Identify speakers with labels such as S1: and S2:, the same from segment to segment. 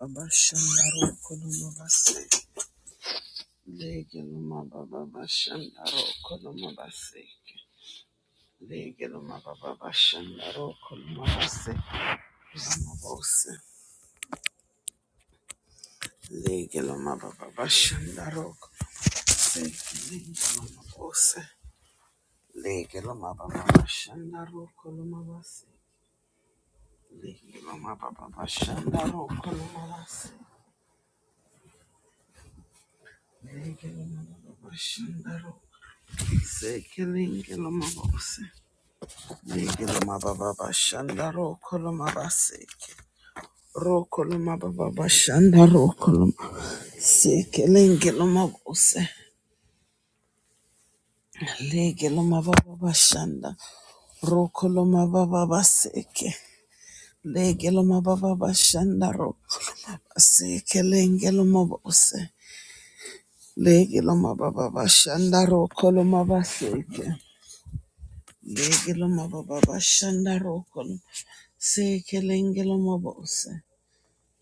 S1: Abashandaro Kolomabase. Legeloma Baba Bashandaro Kolomabase. Legeloma Baba Bashandaro Kolomabase. Lamabose. Legeloma Baba Bashandaro Kolomabase. Legelomabose. Legeloma Baba Bashandaro Kolomabase. Legeloma Baba Bashandaro Kolomabase. Legeloma Baba Bashandaro. Sekelingelomabose. Legiloma baba bashanda ro koloma baseke. Ro koloma baba bashanda ro koloma seke lengiloma bose. Legiloma baba bashanda ro koloma baba baseke. Legiloma baba bashanda ro koloma baseke lengiloma bose. Legiloma baba bashanda ro koloma baseke. Legiloma baba bashanda ro koloma seke lengiloma bose.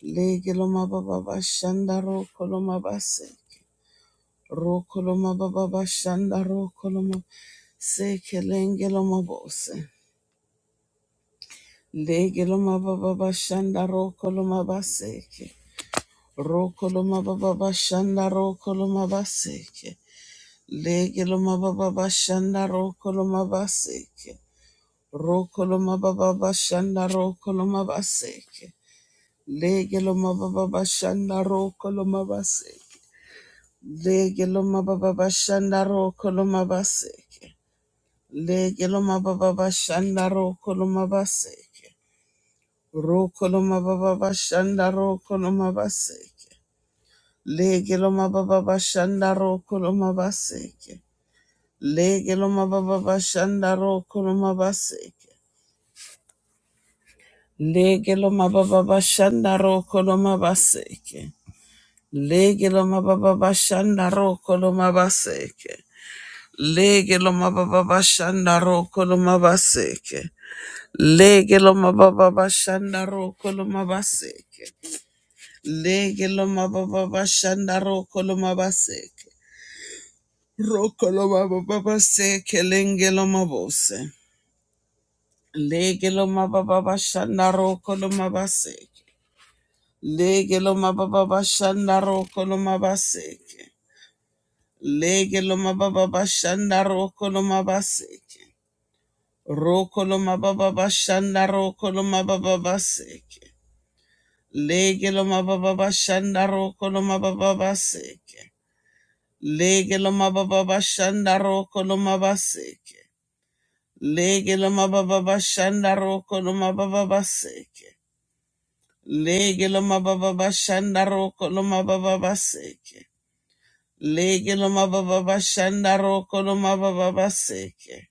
S1: Lege loma baba bashanda ro koloma base. Ro koloma baba bashanda ro koloma seke lenge loma bose. Lege loma baba bashanda ro koloma baseke. Ro koloma baba bashanda ro koloma baseke. Lege loma baba bashanda ro koloma baseke. Ro koloma baba bashanda ro koloma baseke. Lege loma baba bashanda ro koloma baseke. Lege loma baba bashanda ro koloma baseke. Lege loma baba bashanda ro koloma baseke. Ro koloma baba bashanda ro koloma baseke. Lege loma baba bashanda ro koloma baseke. Lege loma baba bashanda ro koloma baseke. Lege loma baba bashanda ro koloma baseke. Lege loma baba bashanda ro koloma baseke. Lege lo mababa bashanda roko lo mabaseke. Lege lo mababa bashanda roko lo mabaseke. Lege lo mababa bashanda roko lo mabaseke. Roko lo mababa baseke lenge lo mabose. Lege lo mababa bashanda roko lo mabaseke. Lege lo mababa bashanda roko lo mabaseke. Lege lo mababa bashanda roko lo mabaseke. Rokoloma baba bashanda rokoloma baba baseke. Legeloma baba bashanda rokoloma baba baseke. Legeloma baba bashanda rokoloma baseke. Legeloma baba bashanda rokoloma baba baseke. Legeloma baba bashanda rokoloma baba baseke. Legeloma baba bashanda rokoloma baba baseke.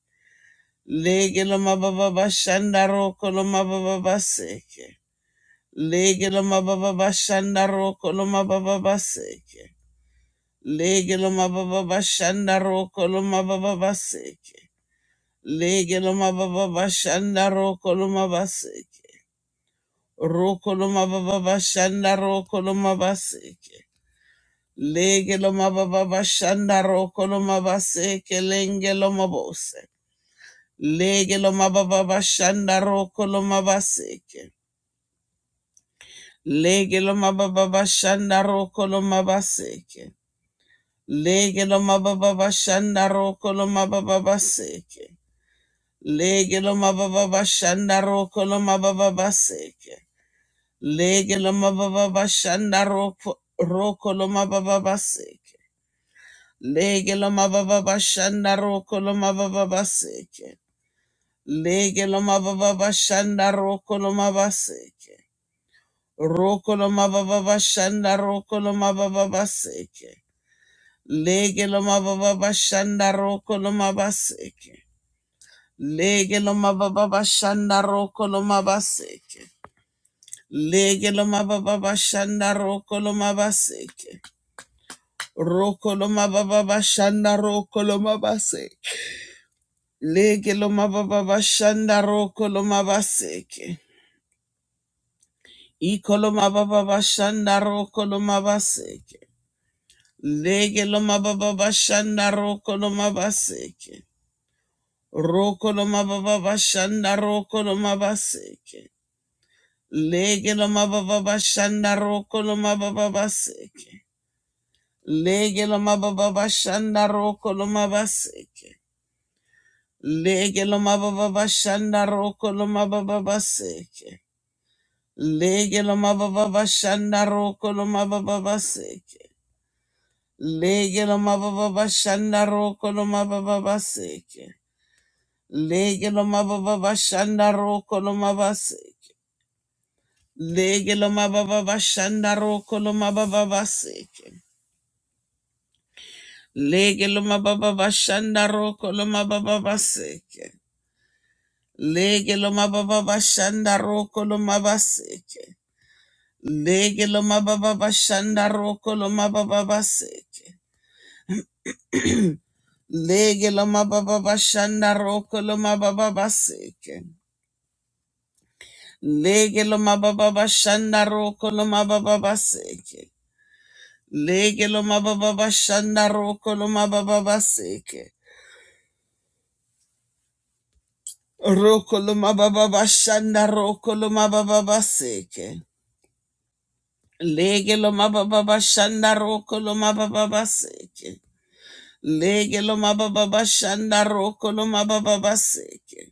S1: Legeloma baba bashanda rokoloma baba baseke. Lege lo mababa bashanda roko lo mababa baseke. Lege lo mababa bashanda roko lo mababa baseke. Lege lo mababa bashanda roko lo mabaseke. Roko lo mababa bashanda roko lo mabaseke. Lege lo mababa bashanda roko lo mabaseke lenge lo mabose. Lege lo mababa bashanda roko lo mabaseke. Lege lo mababa bashanda roko lo mabaseke. Lege lo mababa bashanda roko lo mababa baseke. Lege lo mababa bashanda roko lo mababa baseke. Lege lo mababa bashanda roko roko lo mababa baseke. Lege lo mababa bashanda roko lo mababa baseke. Lege lo mababa bashanda roko lo mababa baseke. Roko lo mababa bashanda roko lo mababa baseke. Lege lo mababa shanda roko lo mabaseke. Lege lo mababa shanda roko lo mabaseke. Lege lo mababa shanda roko lo mabaseke. Roko lo mababa shanda roko lo mabaseke. Lege lo mababa shanda roko lo mabaseke. Iko lo mababa shanda roko lo mabaseke. Lege lo mababa shanda roko lo mabaseke. Roko no mababa bashanda roko no mabaseke. Lege no mababa bashanda roko no mababa baseke. Lege no mababa bashanda roko no mabaseke. Lege no mababa bashanda roko no mababa baseke. Lege no mababa bashanda roko no mababa baseke. Lege no mababa bashanda roko no mababa baseke. Lege no mababa bashanda roko no mabaseke. Lege lo mababa bashanda roko lo mababa baseke. Lege lo mababa bashanda roko lo mababa baseke. Lege lo mababa bashanda roko lo mabaseke. Lege lo mababa bashanda roko lo mababa baseke. Lege lo mababa bashanda roko lo mababa baseke. Lege lo mababa bashanda roko lo mababa baseke. Lege lo mababa bashanda roko lo mababa baseke. Rokoloma baba bashanda rokoloma baba baseke. Lege loma baba bashanda rokoloma baba baseke. Lege loma baba bashanda rokoloma baba baseke.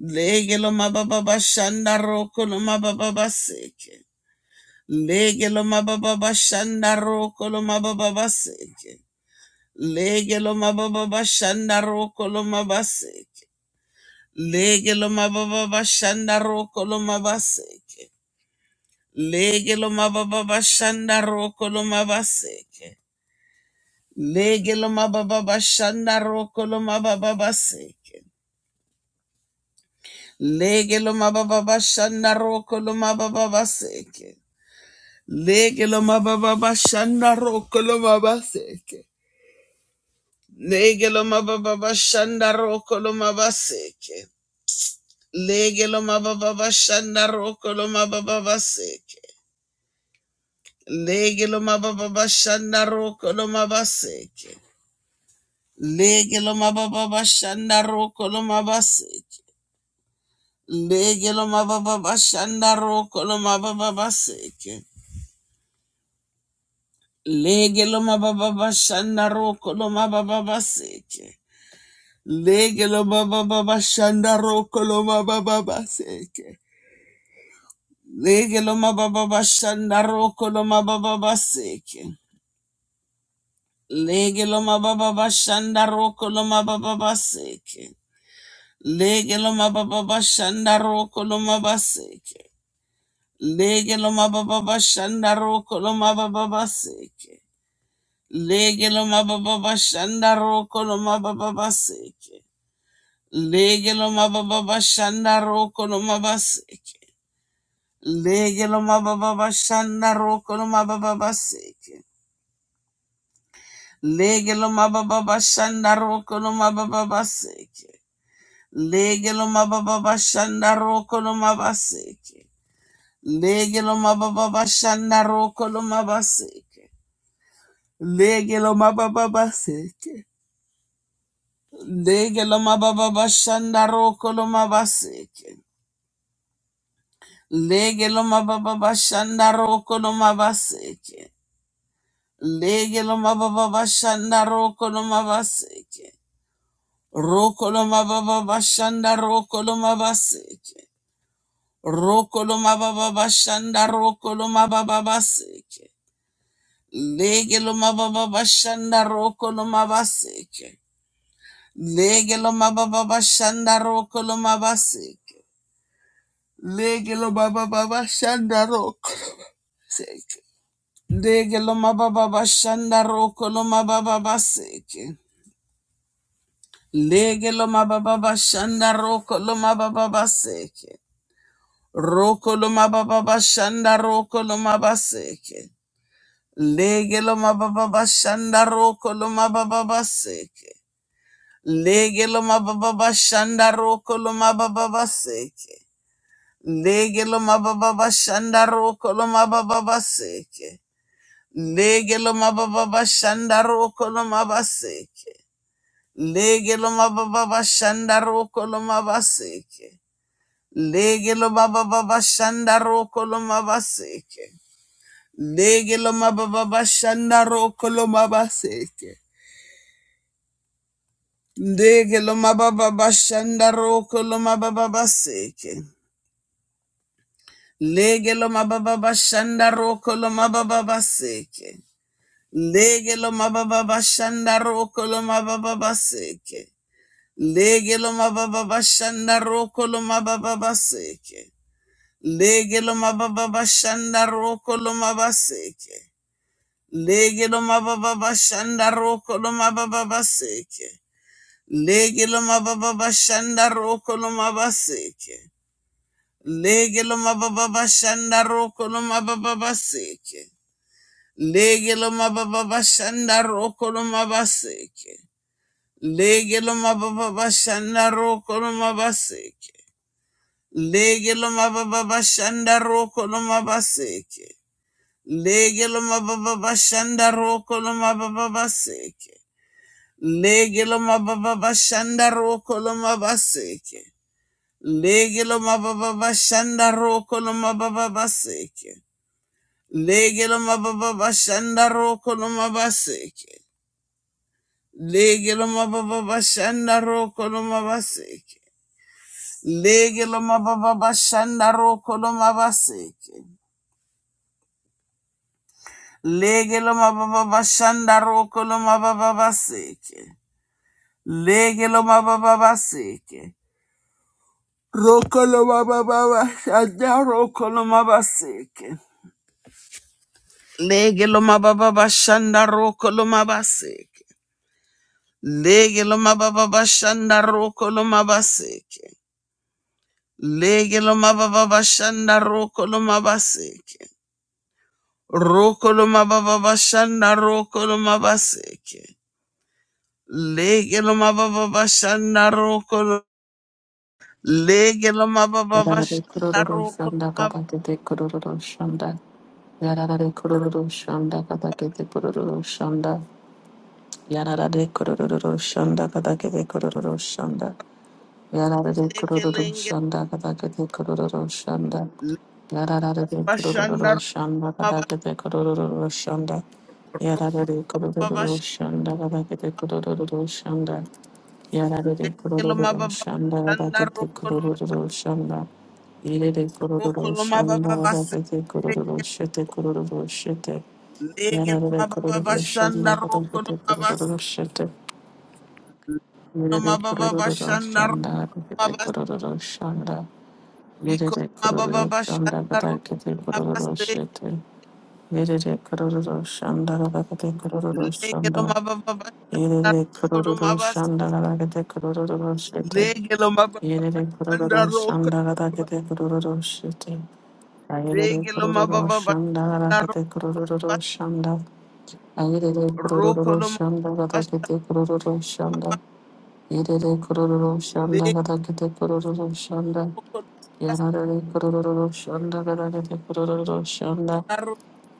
S1: Lege loma baba bashanda rokoloma baba baseke. Lege loma baba bashanda rokoloma baba baseke. Lege loma baba bashanda rokoloma baseke. Lege loma baba bashanda rokoloma baseke. Lege lo mababa bashanda roko lo mabaseke. Lege lo mababa bashanda roko lo mababa baseke. Lege lo mababa bashanda roko lo mababa baseke. Lege lo mababa bashanda roko lo mabaseke. Lege lo mababa bashanda roko lo mabaseke. Lege lo mababa bashanda roko lo mababa baseke. Lege lo mababa bashanda roko lo mabaseke. Lege lo mababa bashanda roko lo mabaseke. Lege lo mababa bashanda roko lo mababa baseke. Lege lo mababa bashanda roko lo mababa baseke. Lege mababa bashanda roko lo mababa baseke. Lege mababa bashanda roko lo mababa baseke. Lege mababa bashanda roko lo mababa baseke. Lege mababa bashanda roko lo mabaseke. Lege lo mababa shanda roko lo mababa seke. Lege lo mababa shanda roko lo mababa seke. Lege lo mababa shanda roko lo mababa seke. Lege lo mababa shanda roko lo mababa seke. Lege lo mababa shanda roko lo mababa seke. Lege lo mababa shanda roko lo mababa seke. Lege lo mababa shanda roko lo mababa seke. Lege lo mababa baseke. Lege lo mababa bashanda roko lo mabaseke. Lege lo mababa bashanda roko lo mabaseke. Lege lo mababa bashanda roko lo mabaseke. Roko lo mababa bashanda roko lo mabaseke. Roko lo mababa bashanda roko lo mababa baseke. Lege lo mababa bashanda roko lo mabaseke. Legelo mababa shandaro kolomaba seke. Legelo mababa shandaro seke. Legelo mababa shandaro kolomaba seke. Legelo mababa shandaro kolomaba seke. Roko lomababa shandaro kolomaba seke. Legelo mababa shandaro kolomaba seke. Legelo mababa shandaro kolomaba seke. Lege lo mababa shanda roko lo mababa seke. Lege lo mababa shanda roko lo mababa seke. Lege lo mababa shanda roko lo mababa seke. Lege lo mababa shanda roko lo mababa seke. Lege lo mababa shanda roko lo mababa seke. Lege lo mababa shanda roko lo mababa seke. Lege lo mababa shanda roko lo mababa seke. Lege lo mababa bashanda roko lo mababa baseke. Lege lo mababa bashanda roko lo mababa baseke. Lege lo mababa bashanda roko lo mabaseke. Lege lo mababa bashanda roko lo mababa baseke. Lege lo mababa bashanda roko lo mabaseke. Lege lo mababa bashanda roko lo mababa baseke. Lege lo mababa bashanda roko lo mabaseke. Lege lo mababa bashanda roko lo mabaseke. Lege lo mababa bashanda roko lo mabaseke. Lege lo mababa bashanda roko lo mababa baseke. Lege lo mababa bashanda roko lo mabaseke. Lege lo mababa bashanda roko lo mababa baseke. Lege lo mababa bashanda roko lo mabaseke. Lege lo mababa bashanda roko lo mabaseke. Lege lo mababa bashanda roko lo mabaseke. Lege lo mababa bashanda roko lo mababa baseke. Lege lo mababa baseke. Roko lo mababa bashanda roko lo mabaseke. Lege lo mababa bashanda roko lo mabaseke. Lege lo mababa bashanda roko lo mabaseke. Lege lo mababa bashanda roko lo mabaseke. Rokoloma baba bashanda rokoloma baseke. Legeloma baba bashanda rokoloma. Legeloma baba
S2: Yararare
S1: bashanda
S2: kururu shanda
S1: rokoloma.
S2: kata kete kururu shanda. Yararare kururu shanda kata kete kururu shanda. Yararare kururu shanda kata kete kururu shanda. Yararare
S1: Roteke
S2: kururu
S1: lenge.
S2: shanda kata kete kururu shanda.
S1: Le
S2: Yararare kururu
S1: Bashanda
S2: shanda kata
S1: rokoloma.
S2: kete kururu shanda.
S1: Rokoloma
S2: Yararare kururu
S1: bash.
S2: shanda kata kete kururu shanda. Yarare kororo
S1: Legeloma baba
S2: shanda
S1: bashanda
S2: rakete kororo
S1: rokoloma.
S2: shanda. Irere kororo
S1: Rokoloma baba
S2: shanda
S1: baseke.
S2: rakete kororo shete kororo shete. Yarare
S1: Legeloma baba
S2: kororo shanda
S1: bashanda
S2: rakete
S1: rokoloma
S2: kororo
S1: baseke.
S2: shete.
S1: Legeloma
S2: Irere
S1: baba
S2: kororo
S1: bashanda rokoloma
S2: shanda rakete
S1: baseke.
S2: kororo shanda. Irere
S1: Ikoloma baba
S2: kororo shanda
S1: bashanda rokoloma
S2: rakete kororo
S1: baseke.
S2: shete. Irere kororo shanda rakete kororo
S1: Legelo
S2: shanda.
S1: mabababanda
S2: Irere
S1: rokolo
S2: kororo
S1: mabas.
S2: shanda rakete kororo shete.
S1: Legelo
S2: Yerere
S1: mababanda
S2: kororo
S1: rokolo
S2: shandagada
S1: mabas.
S2: kete kororo shite. Ayerere
S1: Legelo
S2: kororo
S1: mabababanda
S2: shandagada kete kororo
S1: rokolo
S2: shanda. Ayerere kororo
S1: rokolo
S2: shandagada
S1: mabas.
S2: kete kororo shanda. Yerere kororo
S1: Legelo
S2: shandagada kete kororo shanda.
S1: mabababanda
S2: Yarare kororo shandagada kete kororo shanda.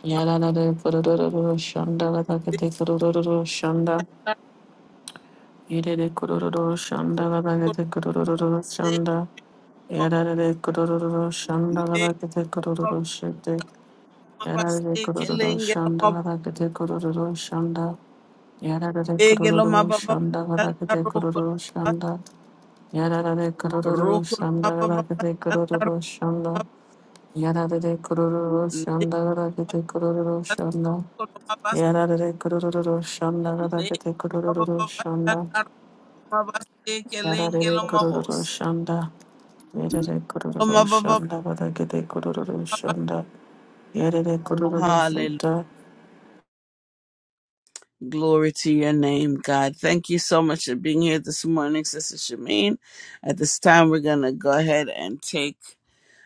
S2: Yarare kororo shandagada kete kororo shanda. Yerere kororo shandagada
S1: rokolo mabas.
S2: kete kororo shanda.
S1: Roko mabas.
S2: Yarare kururu
S1: Legelo
S2: shandagara kete kururu shete.
S1: mabas
S2: Yarare kururu
S1: ekelengelo mabas.
S2: shandagara kete kururu shanda. Yarare
S1: Legelo
S2: kururu
S1: mabababanda
S2: shandagara kete
S1: rokolo
S2: kururu
S1: mabas.
S2: shanda. Yarare kururu
S1: Rokolo
S2: shandagara kete
S1: mabababanda
S2: kururu
S1: rokolo
S2: shanda.
S1: mabas.
S2: Yarare kururu shandagara kete kururu shanda.
S1: Legelo mabas.
S2: Yarare kururu shandagara kete
S1: Legelo
S2: kururu shanda.
S1: mabababanda
S2: Yarare kururu shanda. Yerere kururu shanda badagede kururu shanda. Yerere kururu
S1: Hallelujah.
S2: shanda.
S1: Glory to your name, God. Thank you so much for being here this morning, Sister Shameen. At this time, we're going to go ahead and take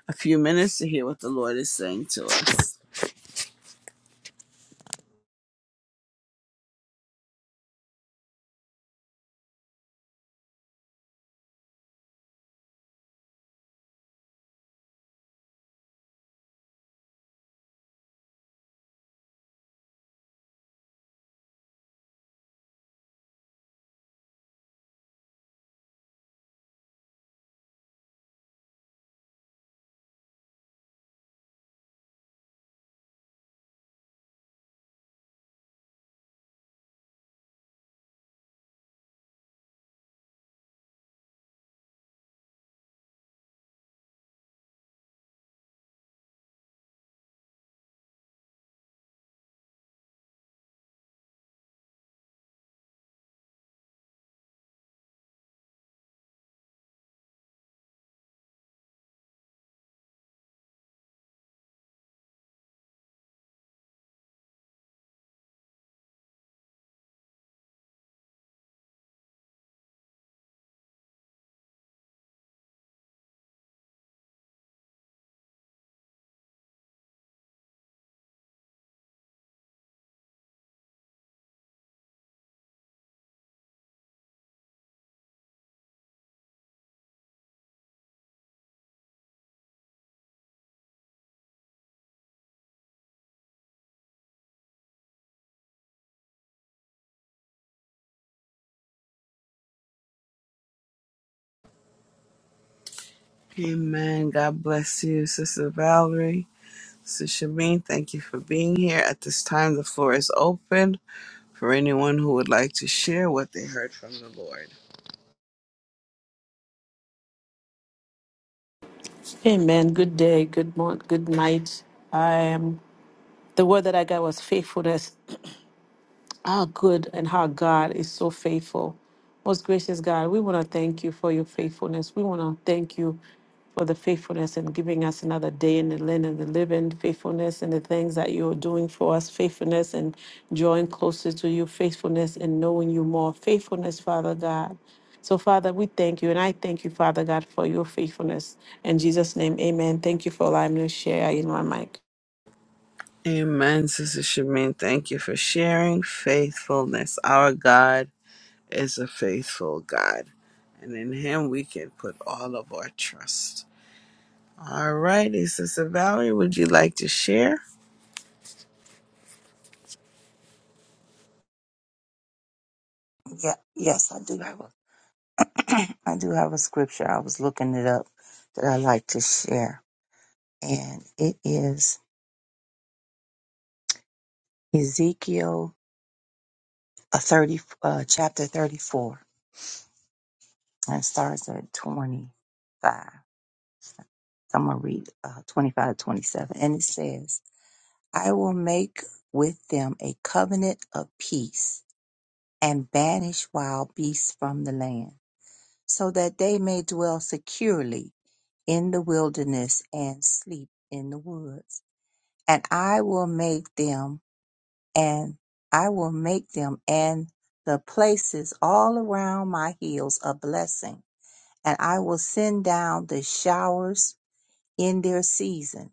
S1: a few minutes to hear what the Lord is saying to us. Amen. God bless you, Sister Valerie. Sister Shameen, thank you for being here. At this time, the floor is open for anyone who would like to share what they heard from the Lord.
S2: Amen. Good day. Good morning. Good night. I am. The word that I got was faithfulness. how good and how God is so faithful. Most gracious God, we want to thank you for your faithfulness. We want to thank you for the faithfulness in giving us another day in the land of the living, faithfulness in the things that you're doing for us, faithfulness in drawing closer to you, faithfulness in knowing you more, faithfulness, Father God. So, Father, we thank you, and I thank you, Father God, for your faithfulness. In Jesus' name, amen. Thank you for allowing me to share in my mic.
S1: Amen, Sister Shamin. Thank you for sharing faithfulness. Our God is a faithful God, and in Him we can put all of our trust. All righty, Sister Valerie, would you like to share?
S3: Yeah, yes, I do have a, I do have a scripture. I was looking it up that I like to share, and it is Ezekiel uh, thirty, uh, chapter thirty-four, and it starts at twenty-five. So I'm gonna read uh, twenty-five to twenty-seven, and it says, "I will make with them a covenant of peace, and banish wild beasts from the land, so that they may dwell securely in the wilderness and sleep in the woods." and I will make them and I will make them and the places all around my hills a blessing, and I will send down the showers in their season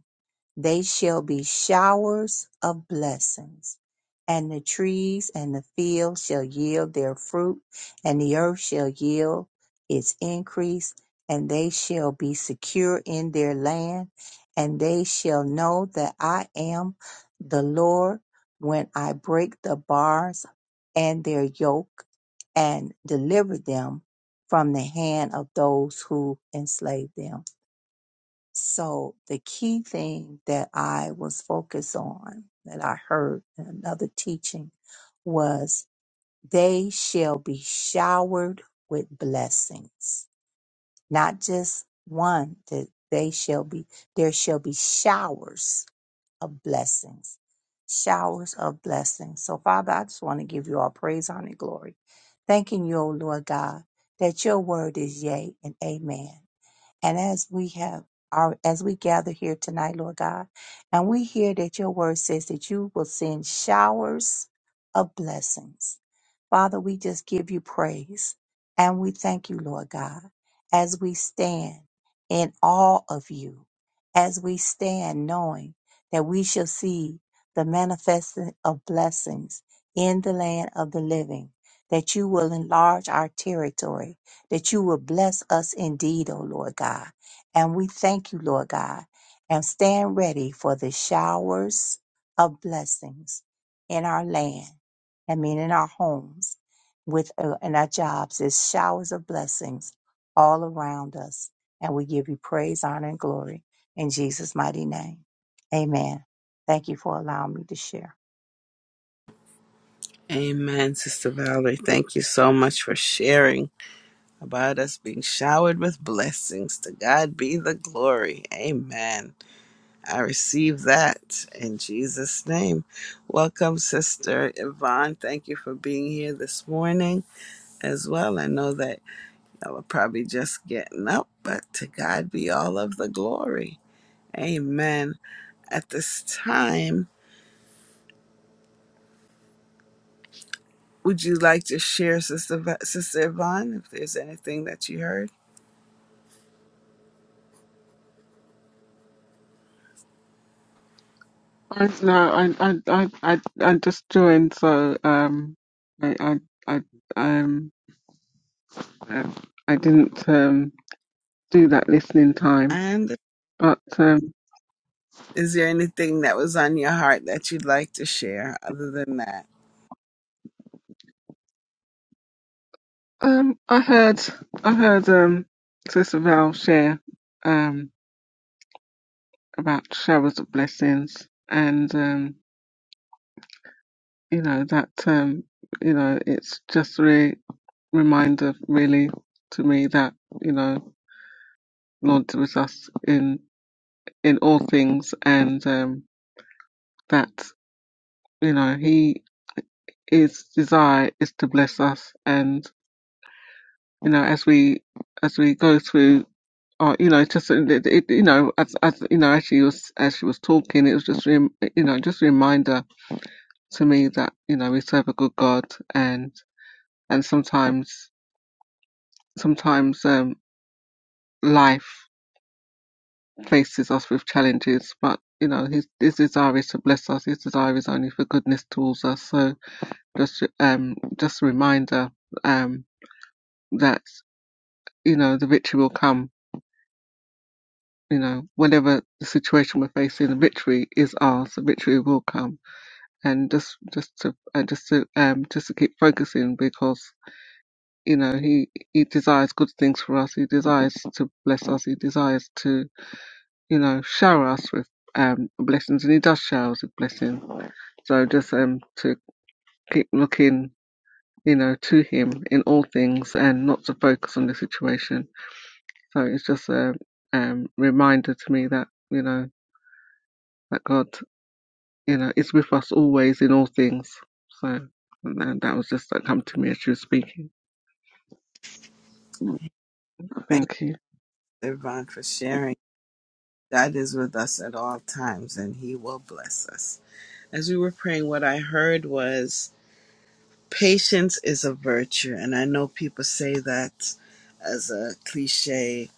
S3: they shall be showers of blessings, and the trees and the field shall yield their fruit, and the earth shall yield its increase, and they shall be secure in their land, and they shall know that I am the Lord when I break the bars and their yoke and deliver them from the hand of those who enslave them. So the key thing that I was focused on that I heard in another teaching was they shall be showered with blessings. Not just one, that they shall be there shall be showers of blessings. Showers of blessings. So Father, I just want to give you all praise, honor, and glory. Thanking you, O Lord God, that your word is yea and amen. And as we have our, as we gather here tonight, Lord God, and we hear that your word says that you will send showers of blessings. Father, we just give you praise and we thank you, Lord God, as we stand in awe of you, as we stand knowing that we shall see the manifesting of blessings in the land of the living, that you will enlarge our territory that you will bless us indeed, O Lord God. And we thank you, Lord God, and stand ready for the showers of blessings in our land, I mean, in our homes, with uh, in our jobs. There's showers of blessings all around us. And we give you praise, honor, and glory in Jesus' mighty name. Amen. Thank you for allowing me to share.
S1: Amen, Sister Valerie. Thank you so much for sharing about us being showered with blessings. To God be the glory. Amen. I receive that in Jesus' name. Welcome, Sister Yvonne. Thank you for being here this morning. as well. I know that I was probably just getting up, but to God be all of the glory. Amen. At this time, would you like to share, Sister, Va- Sister Yvonne, if there's anything that you heard?
S4: I, no, I, I, I, I, I just joined, so um, I, I, I, um, uh, I didn't um do that listening time,
S1: And
S4: but um,
S1: is there anything that was on your heart that you'd like to share other than that?
S4: um, I heard, I heard um, Sister Val share um about showers of blessings, and um, you know that um, you know, it's just a re- reminder really to me that you know, Lord was us in in all things, and um. you know he his desire is to bless us and you know as we as we go through uh, you know just uh, it, it, you know as as you know as she was as she was talking it was just rem- you know just a reminder to me that you know we serve a good god and and sometimes sometimes um life faces us with challenges but you know his his desire is to bless us his desire is only for goodness towards us so just um just a reminder um that you know, the victory will come. You know, whatever the situation we're facing, the victory is ours. The victory will come, and just just to and just to um just to keep focusing because you know he he desires good things for us. He desires to bless us. He desires to you know shower us with um blessings, and he does shower us with blessings. So just um to keep looking, you know, to him in all things and not to focus on the situation. So it's just a um reminder to me that you know. that God, you know, is with us always in all things. So and then that was just that come to me as she was speaking.
S1: Thank
S4: Thank you.
S1: you, Yvonne, for sharing. God is with us at all times and He will bless us. As we were praying, what I heard was Patience is a virtue, and I know people say that as a cliche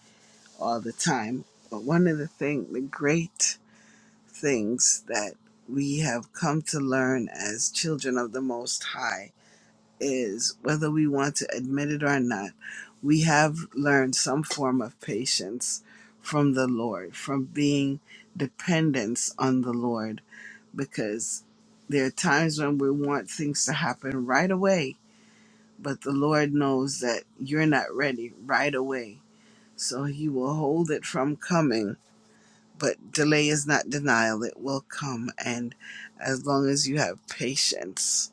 S1: all the time. But one of the thing, the great things that we have come to learn as children of the Most High is whether we want to admit it or not, we have learned some form of patience from the Lord, from being dependence on the Lord, because there are times when we want things to happen right away but the Lord knows that you're not ready right away. So he will hold it from coming. But delay is not denial, it will come. And as long as you have patience,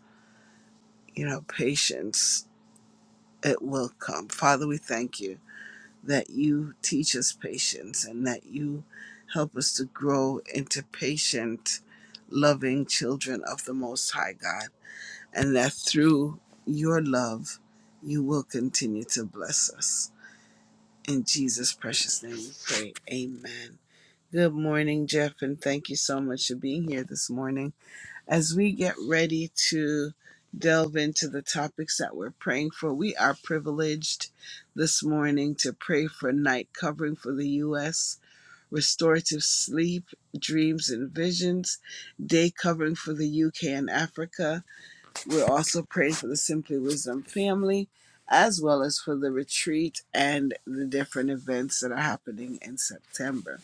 S1: you know, patience, it will come. Father, we thank you that you teach us patience and that you help us to grow into patient, loving children of the Most High God. And that through your love, you will continue to bless us. In Jesus' precious name we pray. Amen. Good morning, Jeff, and thank you so much for being here this morning. As we get ready to delve into the topics that we're praying for, we are privileged this morning to pray for night covering for the U.S., restorative sleep, dreams, and visions, day covering for the U.K. and Africa we're also praying for the Simply Wisdom family, as well as for the retreat and the different events that are happening in September.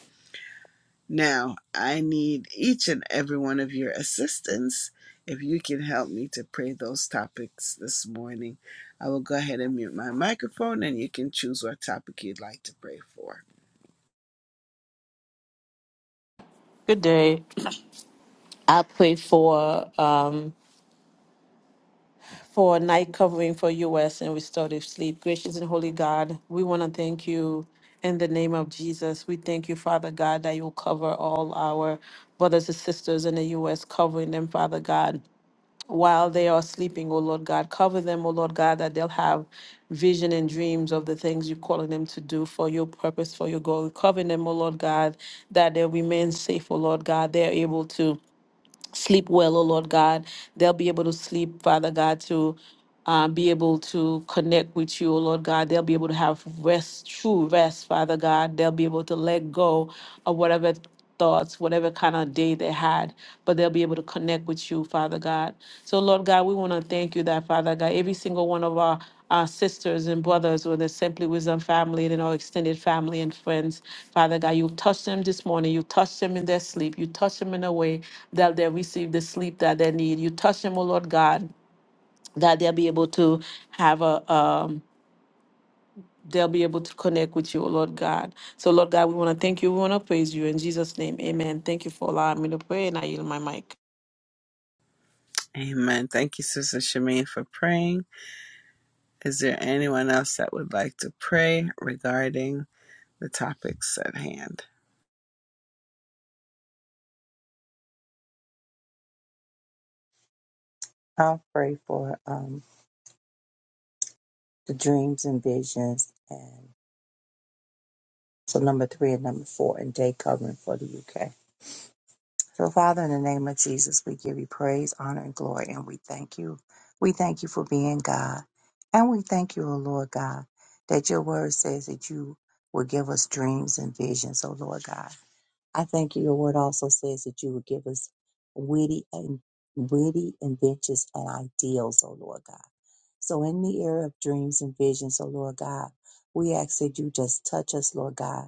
S1: Now, I need each and every one of your assistance. If you can help me to pray those topics this morning, I will go ahead and mute my microphone and you can choose what topic you'd like to pray for.
S2: Good day. I pray for. um, for a night covering for us and restorative sleep. Gracious and holy God, we want to thank you in the name of Jesus. We thank you, Father God, that you'll cover all our brothers and sisters in the U.S., covering them, Father God. While they are sleeping, oh Lord God, cover them, oh Lord God, that they'll have vision and dreams of the things you're calling them to do for your purpose, for your goal. Cover them, oh Lord God, that they'll remain safe, oh Lord God. They're able to sleep well, oh Lord God. They'll be able to sleep, Father God, to um, be able to connect with you, oh Lord God. They'll be able to have rest, true rest, Father God. They'll be able to let go of whatever thoughts, whatever kind of day they had, but they'll be able to connect with you, Father God. So, Lord God, we want to thank you that, Father God, every single one of our our sisters and brothers with the Simply Wisdom family and in our extended family and friends. Father God, you've touched them this morning. You touched them in their sleep. You touched them in a way that they receive the sleep that they need. You touch them, oh Lord God, that they'll be able to have a um they'll be able to connect with you, oh Lord God. So Lord God, we want to thank you. We want to praise you in Jesus' name. Amen. Thank you for allowing me to pray and I yield my mic.
S1: Amen. Thank you, Sister Shemaine, for praying. Is there anyone else that would like to pray regarding the topics at hand?
S3: I'll pray for um, the dreams and visions and. So number three and number four and day covering for the UK. So Father, in the name of Jesus, we give you praise, honor, and glory, and we thank you. We thank you for being God. And we thank you, O Lord God, that your word says that you will give us dreams and visions, O Lord God. I thank you. Your word also says that you would give us witty and witty inventions and ideals, O Lord God. So in the era of dreams and visions, O Lord God, we ask that you just touch us, Lord God.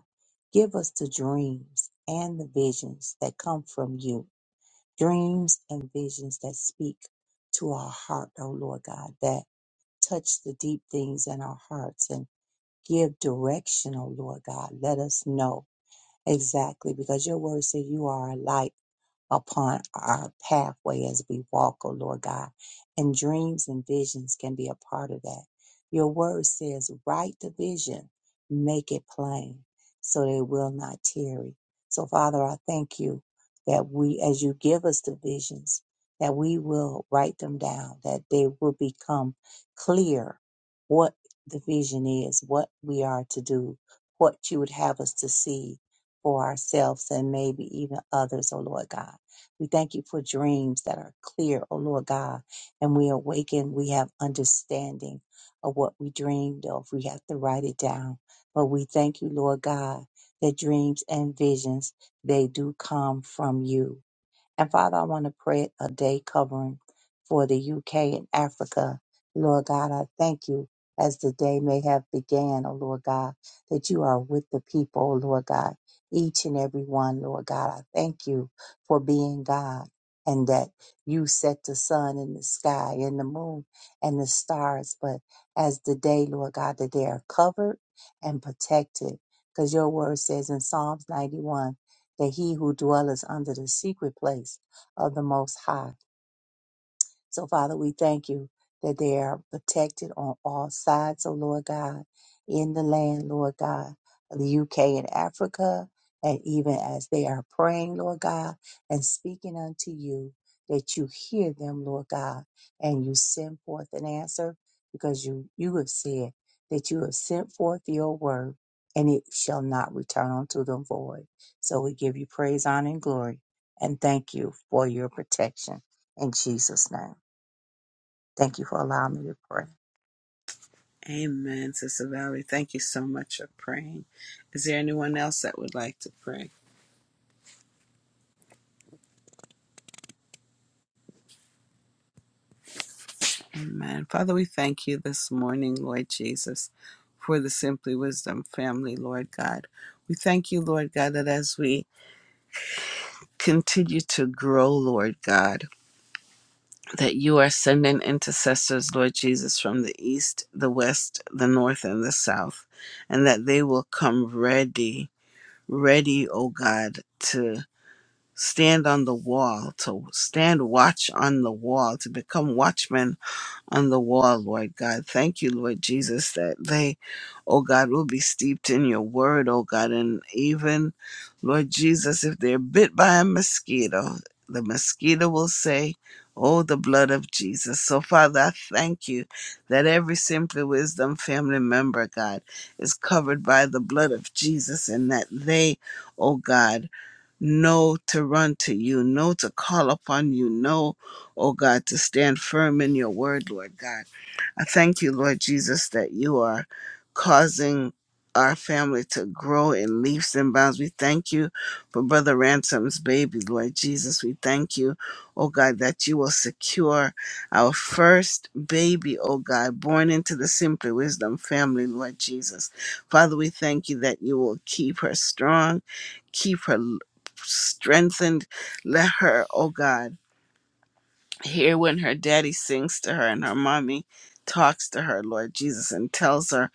S3: Give us the dreams and the visions that come from you. Dreams and visions that speak to our heart, O Lord God, that touch the deep things in our hearts and give direction, O Lord God. Let us know. Exactly, because your word said you are a light upon our pathway as we walk, O Lord God. And dreams and visions can be a part of that. Your word says, write the vision, make it plain, so that it will not tarry. So, Father, I thank you that we, as you give us the visions, that we will write them down, that they will become clear what the vision is, what we are to do, what you would have us to see for ourselves and maybe even others, oh Lord God. We thank you for dreams that are clear, O Lord God. And we awaken, we have understanding of what we dreamed of. We have to write it down. But we thank you, Lord God, that dreams and visions, they do come from you. And Father, I want to pray a day covering for the UK and Africa. Lord God, I thank you as the day may have began, oh Lord God, that you are with the people, oh Lord God, each and every one, Lord God. I thank you for being God and that you set the sun in the sky and the moon and the stars. But as the day, Lord God, that they are covered and protected. Because your word says in Psalms 91 that he who dwelleth under the secret place of the Most High so, Father, we thank you that they are protected on all sides, oh Lord God, in the land, Lord God, of the UK and Africa. And even as they are praying, Lord God, and speaking unto you, that you hear them, Lord God, and you send forth an answer because you, you have said that you have sent forth your word and it shall not return unto them void. So we give you praise, honor, and glory and thank you for your protection in Jesus' name. Thank you for allowing me to pray.
S1: Amen, Sister Valerie. Thank you so much for praying. Is there anyone else that would like to pray? Amen. Father, we thank you this morning, Lord Jesus, for the Simply Wisdom family, Lord God. We thank you, Lord God, that as we continue to grow, Lord God, that you are sending intercessors, Lord Jesus, from the east, the west, the north, and the south, and that they will come ready, ready, oh God, to. stand on the wall, to stand watch on the wall, to become watchmen on the wall, Lord God. Thank you, Lord Jesus, that they, oh God, will be steeped in your word, oh God. And even, Lord Jesus, if they're bit by a mosquito, the mosquito will say, Oh, the blood of Jesus. So, Father, I thank you that every Simply Wisdom family member, God, is covered by the blood of Jesus and that they, oh God, know to run to you, know to call upon you, know, oh God, to stand firm in your word, Lord God. I thank you, Lord Jesus, that you are causing our family to grow in leaps and bounds. We thank you for Brother Ransom's baby, Lord Jesus. We thank you, oh God, that you will secure our first baby, oh God, born into the Simply Wisdom family, Lord Jesus. Father, we thank you that you will keep her strong, keep her l- strengthened. Let her, oh God, hear when her daddy sings to her and her mommy talks to her, Lord Jesus, and tells her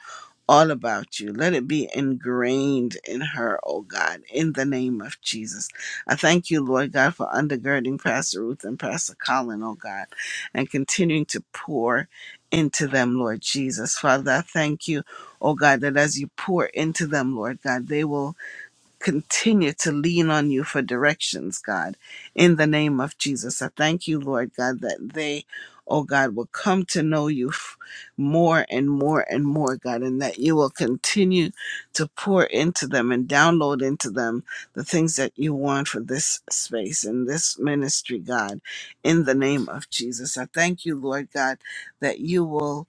S1: all about you. Let it be ingrained in her, oh God, in the name of Jesus. I thank you, Lord God, for undergirding Pastor Ruth and Pastor Colin, oh God, and continuing to pour into them, Lord Jesus. Father, I thank you, oh God, that as you pour into them, Lord God, they will continue to lean on you for directions, God, in the name of Jesus. I thank you, Lord God, that they, oh God, will come to know you f- more and more and more, God, and that you will continue to pour into them and download into them the things that you want for this space and this ministry, God, in the name of Jesus. I thank you, Lord God, that you will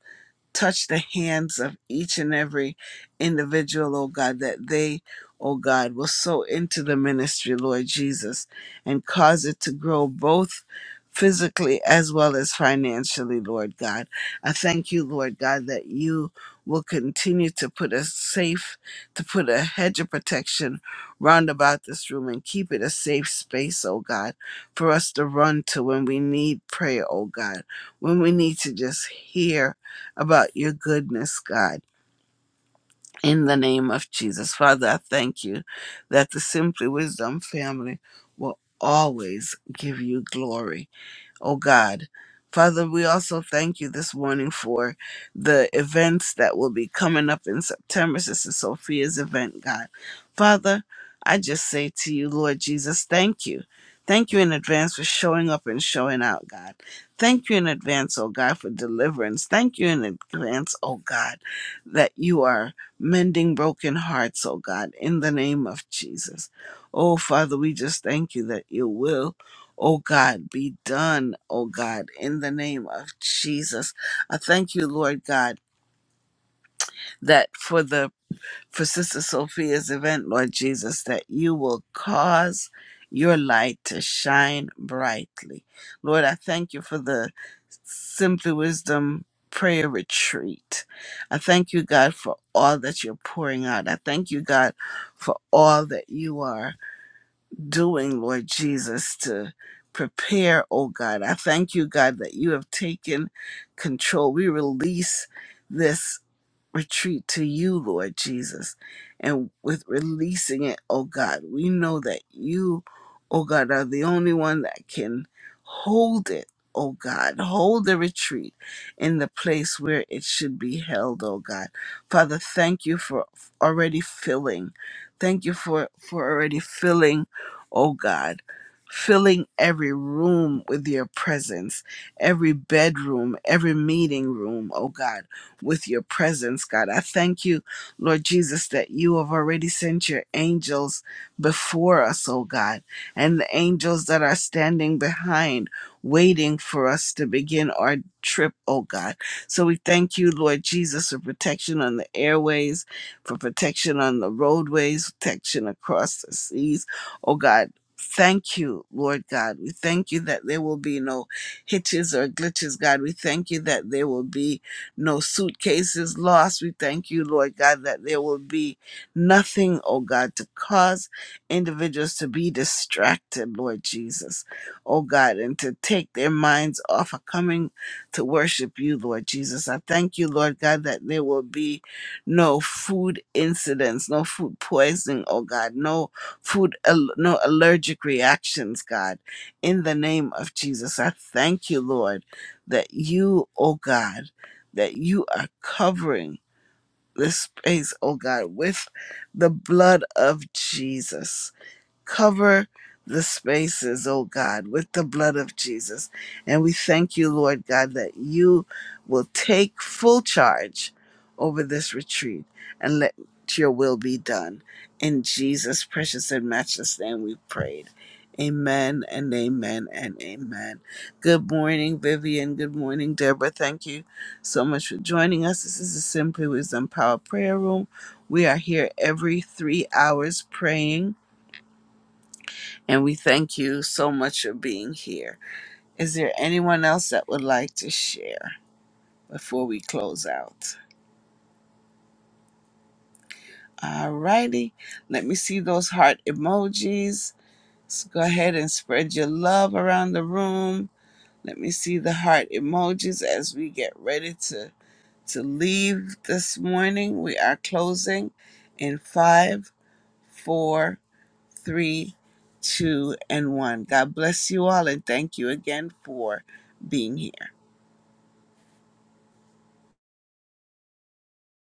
S1: touch the hands of each and every individual, oh God, that they, oh God, will sow into the ministry, Lord Jesus, and cause it to grow both physically as well as financially, Lord God. I thank you, Lord God, that you will continue to put a safe, to put a hedge of protection round about this room and keep it a safe space, oh God, for us to run to when we need prayer, oh God, when we need to just hear about your goodness, God. In the name of Jesus. Father, I thank you that the Simply Wisdom family will always give you glory oh God. Father, we also thank you this morning for the events that will be coming up in September, Sister Sophia's event, God. Father, I just say to you, Lord Jesus, thank you. Thank you in advance for showing up and showing out, God. Thank you in advance, oh God, for deliverance. Thank you in advance, oh God, that you are mending broken hearts, oh God, in the name of Jesus. Oh, Father, we just thank you that you will. Oh God, be done, oh God, in the name of Jesus. I thank you, Lord God, that for the for Sister Sophia's event, Lord Jesus, that you will cause your light to shine brightly. Lord, I thank you for the Simply Wisdom prayer retreat. I thank you, God, for all that you're pouring out. I thank you, God, for all that you are doing, Lord Jesus, to prepare, oh God. I thank you, God, that you have taken control. We release this retreat to you, Lord Jesus. And with releasing it, oh God, we know that you, oh God, are the only one that can hold it, oh God. Hold the retreat in the place where it should be held, oh God. Father, thank you for already filling. Thank you for, for already filling, oh God. Filling every room with your presence, every bedroom, every meeting room, oh God with your presence, God. I thank you, Lord Jesus, that you have already sent your angels before us, oh God, and the angels that are standing behind, waiting for us to begin our trip, oh God. So we thank you, Lord Jesus, for protection on the airways, for protection on the roadways, protection across the seas, oh God. Thank you, Lord God. We thank you that there will be no hitches or glitches, God. We thank you that there will be no suitcases lost. We thank you, Lord God, that there will be nothing, oh God, to cause individuals to be distracted, Lord Jesus, oh God, and to take their minds off of coming to worship you, Lord Jesus. I thank you, Lord God, that there will be no food incidents, no food poisoning, oh God, no food, al- no allergic reactions, God, in the name of Jesus. I thank you, Lord, that you, oh God, that you are covering this space, oh God, with the blood of Jesus. Cover the spaces, oh God, with the blood of Jesus. And we thank you, Lord God, that you will take full charge over this retreat and let your will be done. In Jesus' precious and matchless name, we prayed. Amen and amen and amen. Good morning, Vivian. Good morning, Deborah. Thank you so much for joining us. This is the Simply Wisdom Power Prayer Room. We are here every three hours praying and we thank you so much for being here. Is there anyone else that would like to share before we close out? All righty. Let me see those heart emojis. Let's go ahead and spread your love around the room. Let me see the heart emojis as we get ready to, to leave this morning. We are closing in five, four, three, two, and one. God bless you all and thank you again for being here.